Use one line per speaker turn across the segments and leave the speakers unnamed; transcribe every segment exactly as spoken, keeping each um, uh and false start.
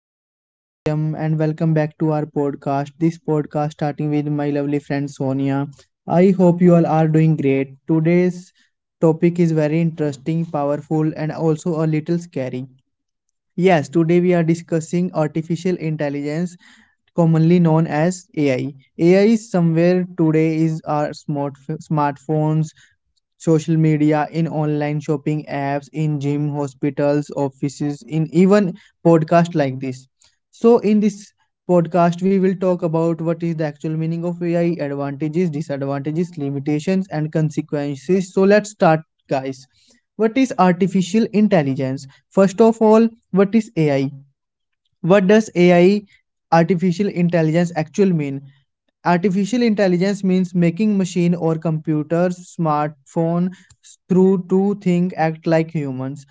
my name is Satyam and welcome back to our podcast. This podcast starting with my lovely friend Sonia. I hope you all are doing great. Today's topic is very interesting, powerful and also a little scary. Yes, today we are discussing artificial intelligence, commonly known as A I. A I is somewhere today is our smart smartphones, social media, in online shopping apps, in gym, hospitals, offices, in even podcast like this. So in this podcast we will talk about what is the actual meaning of A I, advantages, disadvantages, limitations and consequences. So let's start guys. What is artificial intelligence? First of all, what is ai what does ai artificial intelligence actual mean artificial intelligence means making machine or computers smartphone through to think act like humans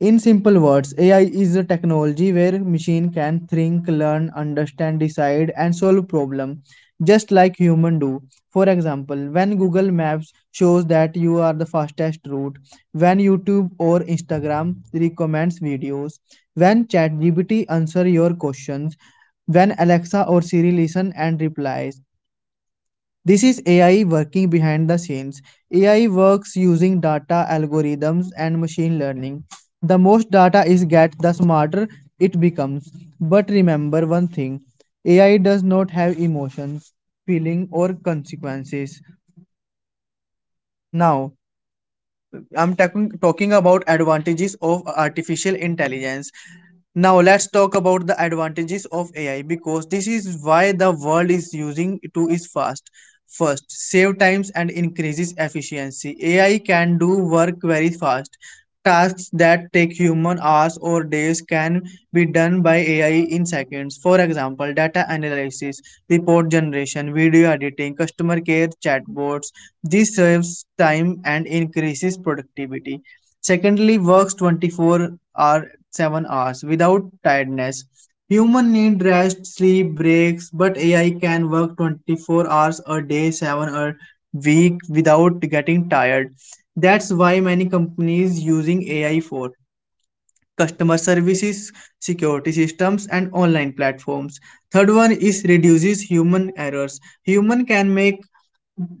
in simple words ai is a technology where machine can think learn understand decide and solve problem just like human do for example when google maps shows that you are the fastest route when youtube or instagram recommends videos when chatgpt answer your questions when alexa or siri listen and replies this is A I working behind the scenes. A I works using data algorithms and machine learning. The most data is get, the smarter it becomes. But remember one thing, A I does not have emotions, feeling, or consequences. Now, I'm talking talking about advantages of artificial intelligence. Now let's talk about the advantages of A I because this is why the world is using to is fast. First, save times and increases efficiency. A I can do work very fast. Tasks that take human hours or days can be done by A I in seconds. For example, data analysis, report generation, video editing, customer care chatbots, this saves time and increases productivity. Secondly, works twenty-four or seven hours without tiredness. Human need rest, sleep, breaks, but A I can work twenty-four hours a day, seven a week without getting tired. That's why many companies using A I for customer services, security systems and online platforms. Third one is reduces human errors. Human can make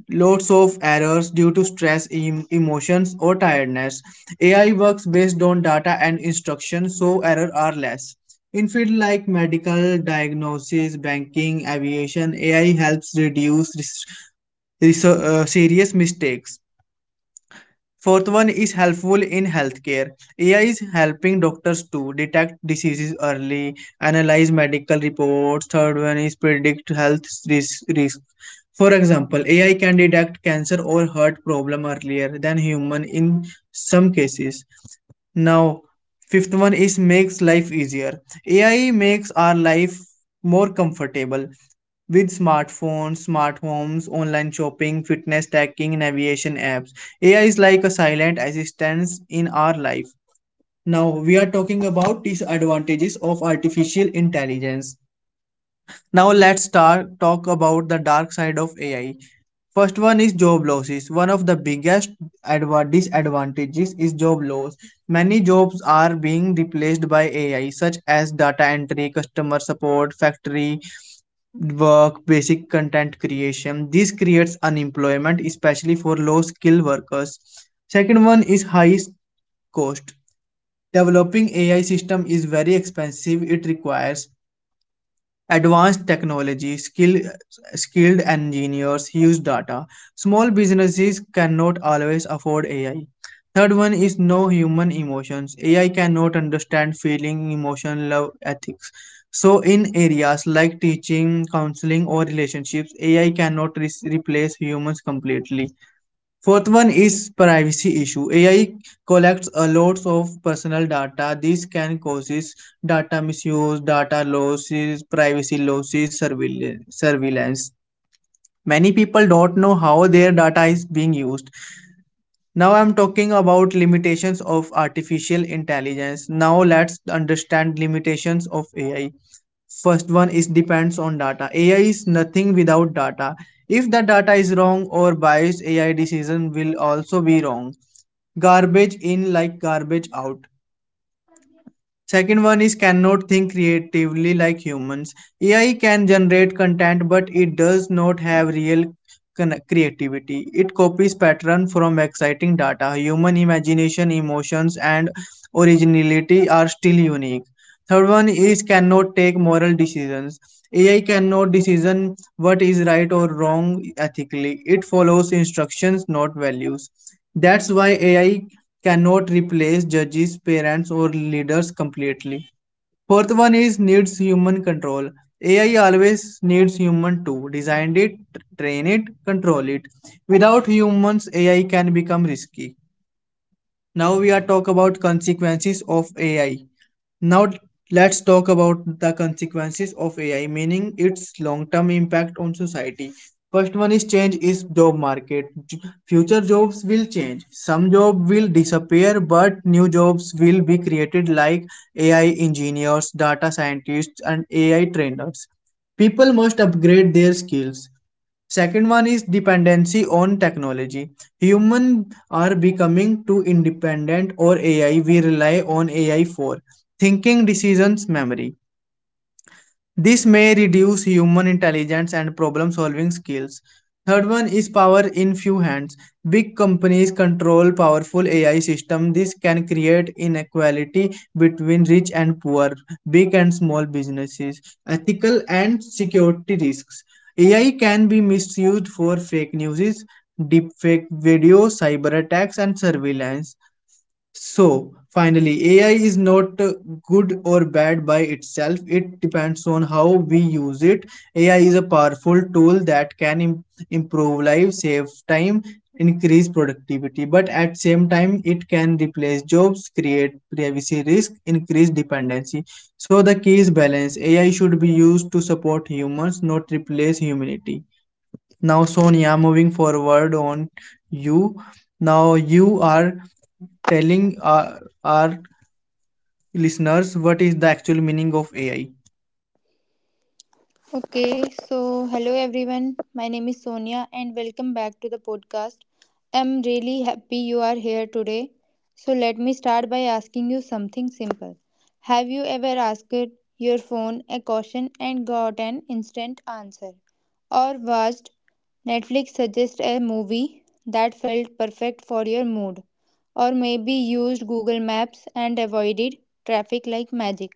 lots of errors due to stress, em- emotions, or tiredness. A I works based on data and instructions, so errors are less. In fields like medical, diagnosis, banking, aviation, A I helps reduce res- res- uh, serious mistakes. Fourth one is helpful in healthcare. A I is helping doctors to detect diseases early, analyze medical reports. Third one is predict health risk. risk. For example, A I can detect cancer or heart problem earlier than human in some cases. Now, fifth one is makes life easier. A I makes our life more comfortable with smartphones, smart homes, online shopping, fitness tracking, navigation apps. A I is like a silent assistant in our life. Now we are talking about disadvantages of artificial intelligence. Now let's start talk about the dark side of A I. First one is job losses. One of the biggest disadvantages is job loss. Many jobs are being replaced by A I, such as data entry, customer support, factory work, basic content creation. This creates unemployment, especially for low skilled workers. Second one is high cost. Developing A I system is very expensive. It requires advanced technology skill, skilled engineers use data, small businesses cannot always afford ai. Third one is no human emotions, ai cannot understand feeling emotion love ethics. So in areas like teaching counseling or relationships ai cannot re- replace humans completely. Fourth one is privacy issue. A I collects a lot of personal data. This can cause data misuse, data losses, privacy losses, surveillance. Many people don't know how their data is being used. Now I'm talking about limitations of artificial intelligence. Now let's understand limitations of A I. First one is depends on data. A I is nothing without data. If the data is wrong or biased, A I decision will also be wrong. Garbage in like garbage out. Second one is cannot think creatively like humans. A I can generate content, but it does not have real con- creativity. It copies pattern from exciting data. Human imagination, emotions, and originality are still unique. Third one is cannot take moral decisions. A I cannot decision what is right or wrong ethically. It follows instructions, not values. That's why A I cannot replace judges, parents, or leaders completely. Fourth one is needs human control. A I always needs human to design it, train it, control it. Without humans, A I can become risky. Now we are talk about consequences of A I. Now let's talk about the consequences of A I, meaning its long-term impact on society. First one is change is job market. Future jobs will change. Some jobs will disappear, but new jobs will be created like A I engineers, data scientists, and A I trainers. People must upgrade their skills. Second one is dependency on technology. Humans are becoming too independent or A I. We rely on A I for thinking, decisions, memory. This may reduce human intelligence and problem solving skills. Third one is power in few hands. Big companies control powerful A I system. This can create inequality between rich and poor, big and small businesses, ethical and security risks. A I can be misused for fake news, deepfake videos, cyber attacks and surveillance. So finally, A I is not uh, good or bad by itself. It depends on how we use it. A I is a powerful tool that can im- improve lives, save time, increase productivity, but at same time it can replace jobs, create privacy risk, increase dependency. So the key is balance. A I should be used to support humans, not replace humanity. Now, Sonia, moving forward on you. Now, you are telling our, our listeners what is the actual meaning of A I.
Okay, so hello everyone. My name is Sonia and welcome back to the podcast. I'm really happy you are here today. So let me start by asking you something simple. Have you ever asked your phone a question and got an instant answer? Or watched Netflix suggest a movie that felt perfect for your mood? Or maybe used Google Maps and avoided traffic like magic?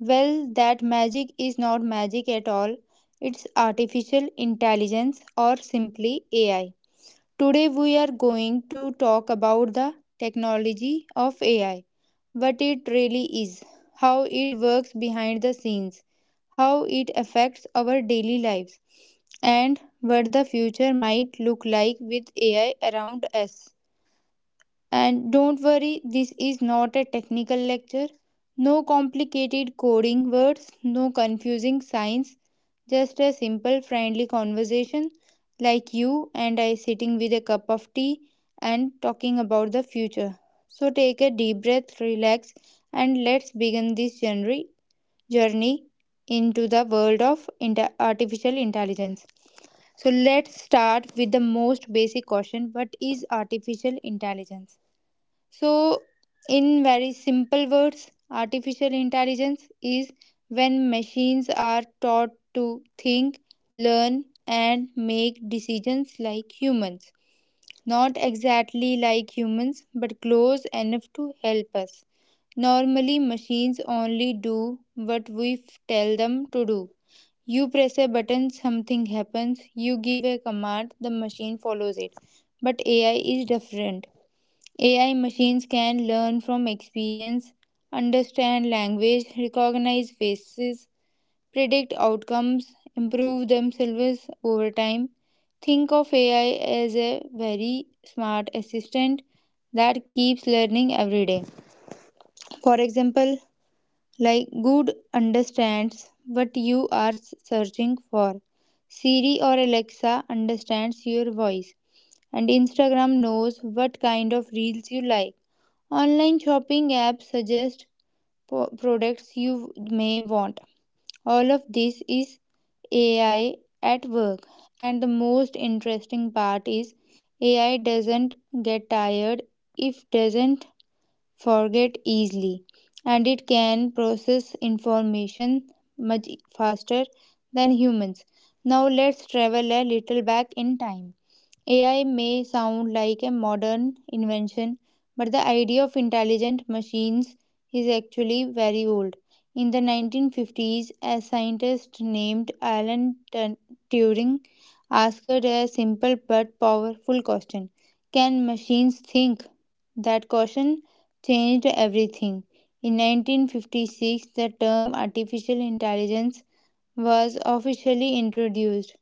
Well, that magic is not magic at all. It's artificial intelligence or simply A I. Today, we are going to talk about the technology of A I, what it really is, how it works behind the scenes, how it affects our daily lives, and what the future might look like with A I around us. And don't worry, this is not a technical lecture. No complicated coding words, no confusing science, just a simple friendly conversation like you and I sitting with a cup of tea and talking about the future. So take a deep breath, relax, and let's begin this journey journey into the world of inter- artificial intelligence. So let's start with the most basic question: what is artificial intelligence? So, in very simple words, artificial intelligence is when machines are taught to think, learn, and make decisions like humans. Not exactly like humans, but close enough to help us. Normally, machines only do what we f- tell them to do. You press a button, something happens. You give a command, the machine follows it. But A I is different. A I machines can learn from experience, understand language, recognize faces, predict outcomes, improve themselves over time. Think of A I as a very smart assistant that keeps learning every day. For example, like Good understands what you are s- searching for. Siri or Alexa understands your voice, and Instagram knows what kind of reels you like. Online shopping apps suggest po- products you may want. All of this is A I at work. And the most interesting part is A I doesn't get tired, if doesn't forget easily, and it can process information much faster than humans. Now let's travel a little back in time. A I may sound like a modern invention, but the idea of intelligent machines is actually very old. In the nineteen fifties, a scientist named Alan Tun- Turing asked a simple but powerful question: can machines think? That question changed everything. In nineteen fifty-six, the term artificial intelligence was officially introduced.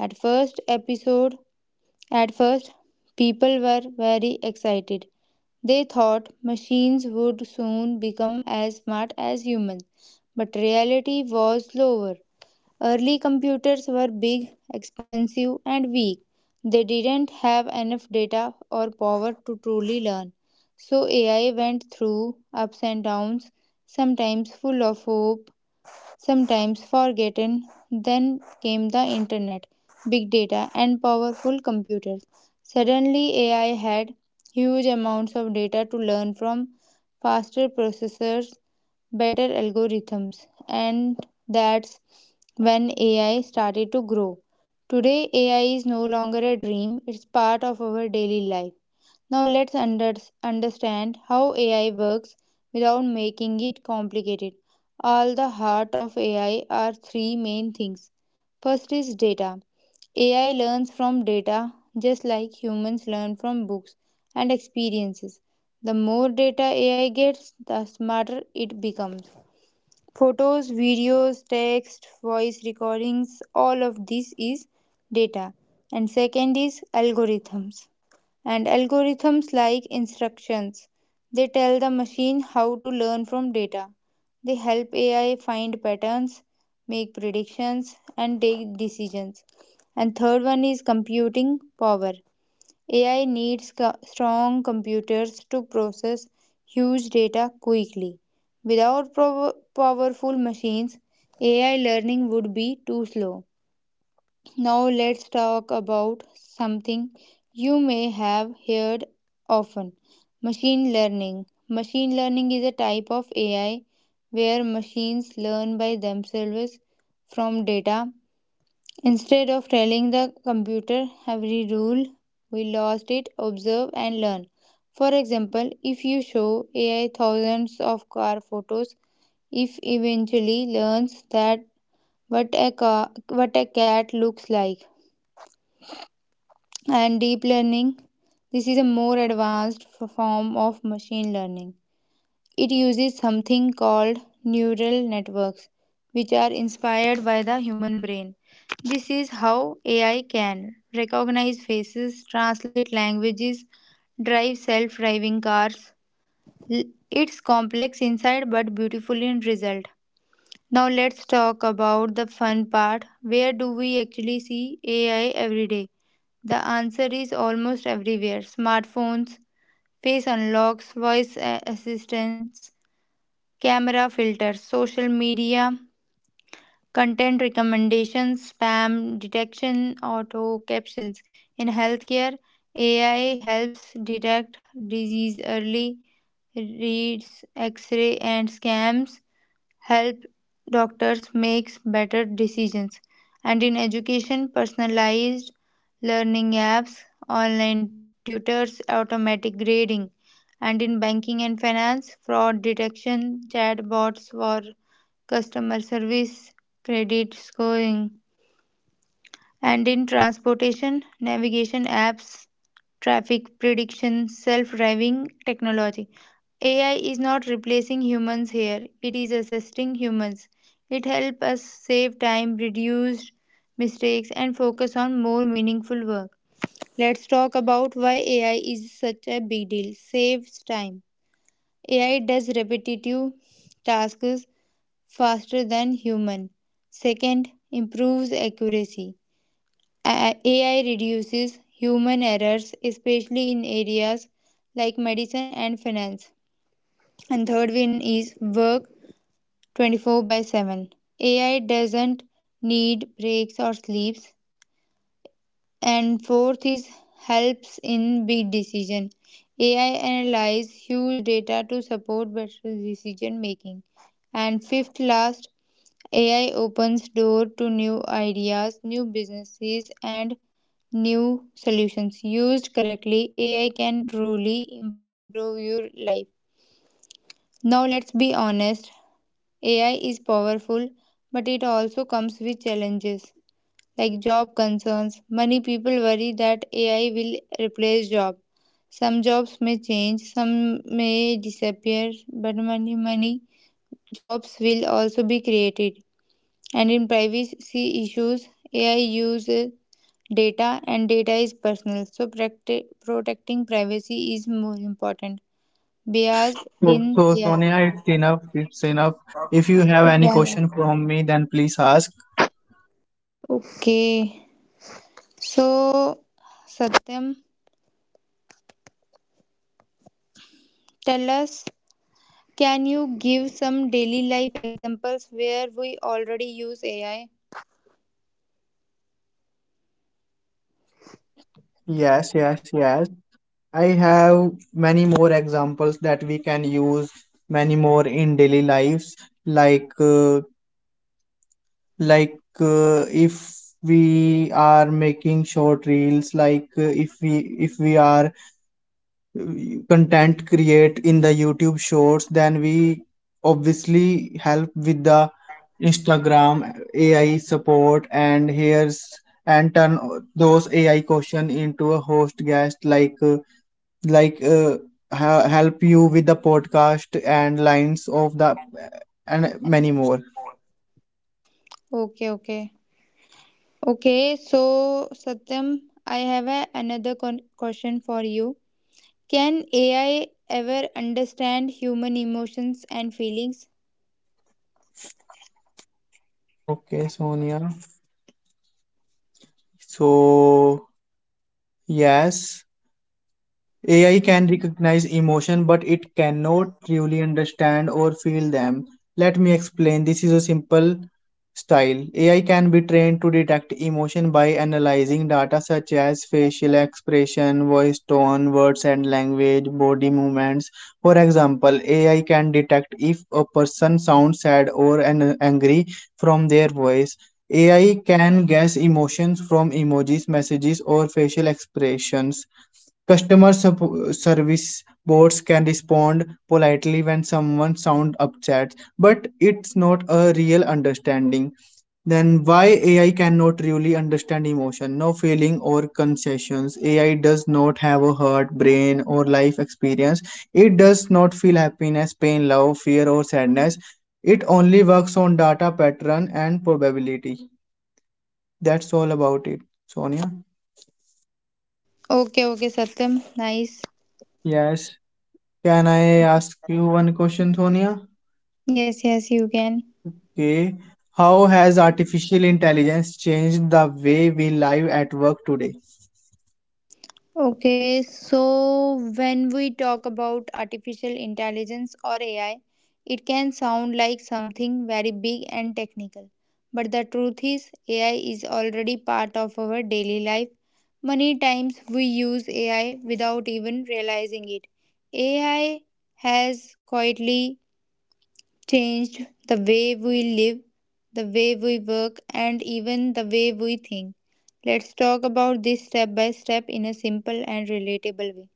At first episode at first, people were very excited. They thought machines would soon become as smart as humans, but reality was slower. Early computers were big, expensive, and weak. They didn't have enough data or power to truly learn. So, A I went through ups and downs, sometimes full of hope, sometimes forgotten. Then came the internet, big data, and powerful computers. Suddenly, A I had huge amounts of data to learn from, faster processors, better algorithms, and that's when A I started to grow. Today, A I is no longer a dream, it's part of our daily life. Now let's under- understand how A I works without making it complicated. All the heart of A I are three main things. First is data. A I learns from data just like humans learn from books and experiences. The more data A I gets, the smarter it becomes. Photos, videos, text, voice recordings, all of this is data. And second is algorithms, and algorithms like instructions. They tell the machine how to learn from data. They help A I find patterns, make predictions, and take decisions. And third one is computing power. A I needs co- strong computers to process huge data quickly. Without prow- powerful machines, A I learning would be too slow. Now let's talk about something you may have heard often: machine learning. Machine learning is a type of A I where machines learn by themselves from data. Instead of telling the computer every rule, we lost it, observe and learn. For example, if you show A I thousands of car photos, if eventually learns that what a car, what a cat looks like. And deep learning, this is a more advanced f- form of machine learning. It uses something called neural networks, which are inspired by the human brain. This is how A I can recognize faces, translate languages, drive self driving cars. L- It's complex inside but beautiful in result. Now let's talk about the fun part. Where do we actually see A I every day? The answer is almost everywhere: smartphones, face unlocks, voice a- assistants, camera filters, social media, content recommendations, spam detection, auto captions. In healthcare, A I helps detect disease early, reads x ray and scans, help doctors make better decisions. And in education, personalized learning apps, online tutors, automatic grading. And in banking and finance, fraud detection, chatbots for customer service, credit scoring. And in transportation, navigation apps, traffic prediction, self driving technology. A I is not replacing humans here, it is assisting humans. It helps us save time, reduce mistakes, and focus on more meaningful work. Let's talk about why A I is such a big deal. Saves time. A I does repetitive tasks faster than human. Second, improves accuracy. A- AI reduces human errors, especially in areas like medicine and finance. And third one is work twenty-four by seven. A I doesn't need breaks or sleeps. And fourth is helps in big decision. A I analyze huge data to support better decision making. And fifth last, A I opens door to new ideas, new businesses and new solutions. Used correctly, A I can truly improve your life. Now let's be honest, A I is powerful, but it also comes with challenges like job concerns. Many people worry that A I will replace jobs. Some jobs may change, some may disappear, but many, many jobs will also be created. And in privacy issues, A I uses data and data is personal, so protect- protecting privacy is more important. Bias
So,
in
so,
A I.
Sonia, it's enough. It's enough. If you have any
Yeah, yeah.
question from me, then please ask.
Okay. So, Satyam, tell us, can you give some daily life examples where we already use A I?
Yes, yes, yes. I have many more examples that we can use, many more in daily lives, like uh, like uh, if we are making short reels like uh, if we if we are uh, content create in the youtube shorts then we obviously help with the instagram ai support and here's and turn those ai question into a host guest like uh, like uh, ha- help you with the podcast and lines of the and many more
Okay, okay. Okay, so Satyam, I have a, another con- question for you. Can A I ever understand human emotions and feelings?
okay sonia so yes, A I can recognize emotion, but it cannot truly understand or feel them. Let me explain. This is a simple style. A I can be trained to detect emotion by analyzing data such as facial expression, voice tone, words and language, body movements. For example, A I can detect if a person sounds sad or an- angry from their voice. A I can guess emotions from emojis, messages, or facial expressions. Customer sup- service bots can respond politely when someone sound upset, but it's not a real understanding. Then why A I cannot really understand emotion, no feeling or concessions? A I does not have a heart, brain, or life experience. It does not feel happiness, pain, love, fear, or sadness. It only works on data pattern and probability. That's all about it, Sonia.
Okay, okay, Satyam. Nice.
Yes. Can I ask you one question, Sonia?
Yes, yes, you can.
Okay. How has artificial intelligence changed the way we live at work today?
Okay, so when we talk about artificial intelligence or A I, it can sound like something very big and technical. But the truth is, A I is already part of our daily life. Many times we use A I without even realizing it. A I has quietly changed the way we live, the way we work, and even the way we think. Let's talk about this step by step in a simple and relatable way.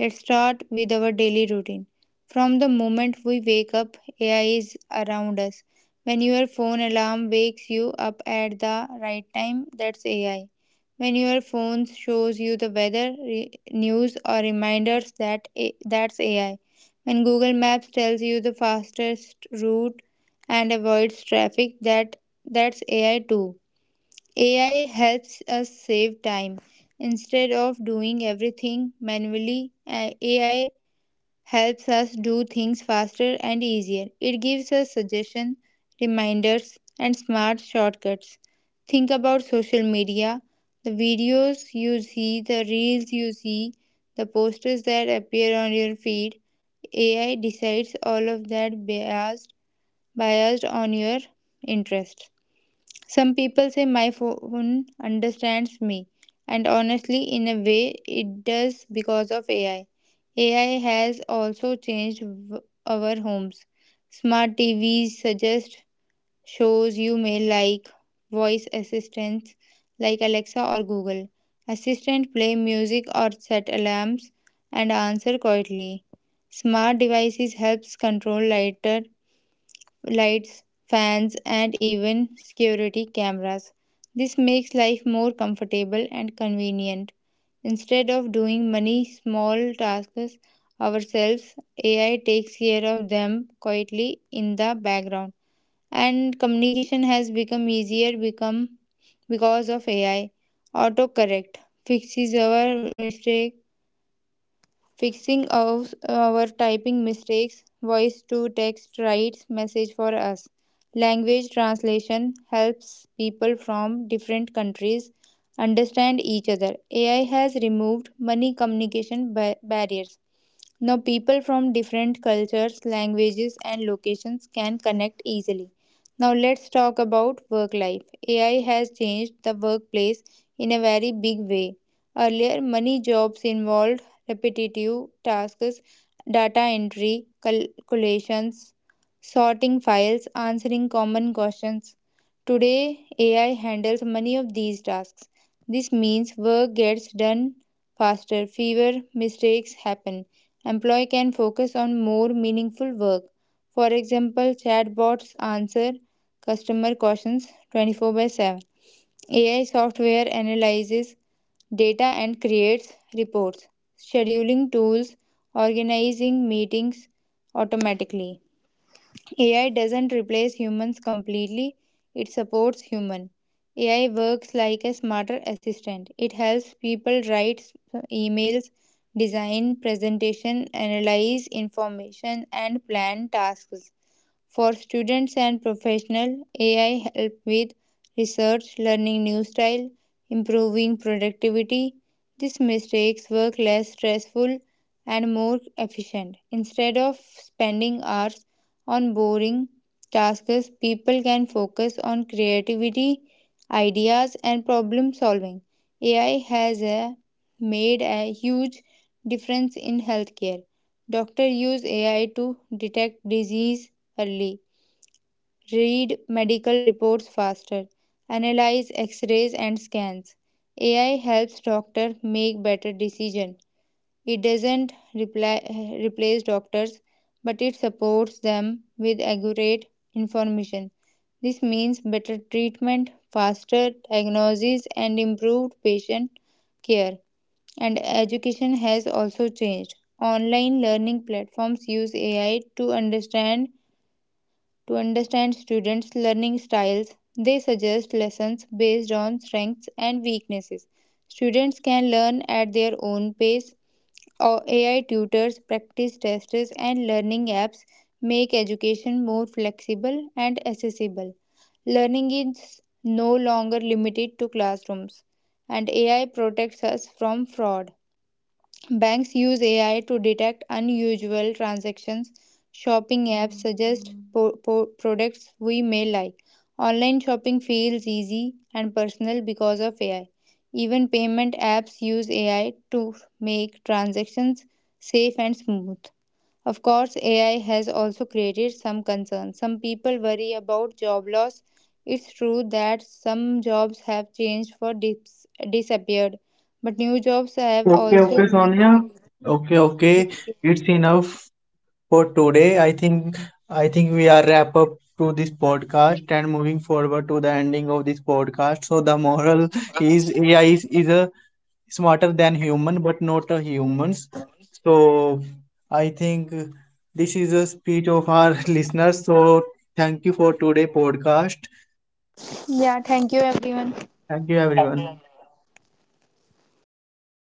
Let's start with our daily routine. From the moment we wake up, A I is around us. When your phone alarm wakes you up at the right time, that's A I. When your phone shows you the weather, re- news, or reminders, that A- that's A I. When Google Maps tells you the fastest route and avoids traffic, that that's A I too. A I helps us save time. Instead of doing everything manually, a- AI helps us do things faster and easier. It gives us suggestions, reminders, and smart shortcuts. Think about social media, the videos you see, the reels you see, the posters that appear on your feed. A I decides all of that biased, biased on your interest. Some people say my phone understands me, and honestly, in a way, it does because of A I. A I has also changed w- our homes. Smart T Vs suggest shows you may like, voice assistants like Alexa or Google. Assistant play music or set alarms and answer quietly. Smart devices helps control lighter lights, fans, and even security cameras. This makes life more comfortable and convenient. Instead of doing many small tasks ourselves, A I takes care of them quietly in the background. And communication has become easier become because of A I. Autocorrect fixes our mistake fixing our, our typing mistakes, voice to text writes message for us. Language translation helps people from different countries understand each other. A I has removed many communication ba- barriers. Now, people from different cultures, languages, and locations can connect easily. Now, let's talk about work life. A I has changed the workplace in a very big way. Earlier, many jobs involved repetitive tasks, data entry, calculations, sorting files, answering common questions. Today, A I handles many of these tasks. This means work gets done faster, fewer mistakes happen, employee can focus on more meaningful work. For example, chatbots answer customer questions twenty-four by seven. A I software analyzes data and creates reports. Scheduling tools organizing meetings automatically. A I doesn't replace humans completely, it supports human. A I works like a smarter assistant. It helps people write emails, design presentation, analyze information and plan tasks. For students and professionals, A I help with research, learning new style, improving productivity. This makes work less stressful and more efficient. Instead of spending hours on boring tasks, people can focus on creativity, ideas, and problem solving. A I has uh, made a huge difference in healthcare. Doctors use A I to detect disease, early, read medical reports faster, analyze x-rays and scans. A I helps doctors make better decisions. It doesn't reply, replace doctors, but it supports them with accurate information. This means better treatment, faster diagnoses, and improved patient care. And education has also changed. Online learning platforms use A I to understand to understand students' learning styles, they suggest lessons based on strengths and weaknesses. Students can learn at their own pace. Or A I tutors, practice tests, and learning apps make education more flexible and accessible. Learning is no longer limited to classrooms, and A I protects us from fraud. Banks use A I to detect unusual transactions. Shopping apps suggest po- po- products we may like. Online shopping feels easy and personal because of A I. Even payment apps use A I to make transactions safe and smooth. Of course, A I has also created some concerns. Some people worry about job loss. It's true that some jobs have changed or dis- disappeared, but new jobs have
Okay,
also
okay,
been
Sonia.
created.
Okay, okay.
Yes, yes.
It's enough for today. I think I think we are wrap up to this podcast and moving forward to the ending of this podcast. So the moral is A I is, is a smarter than human, but not a humans. So I think this is a speech of our listeners. So thank you for today podcast.
Yeah, thank you everyone.
Thank you, everyone.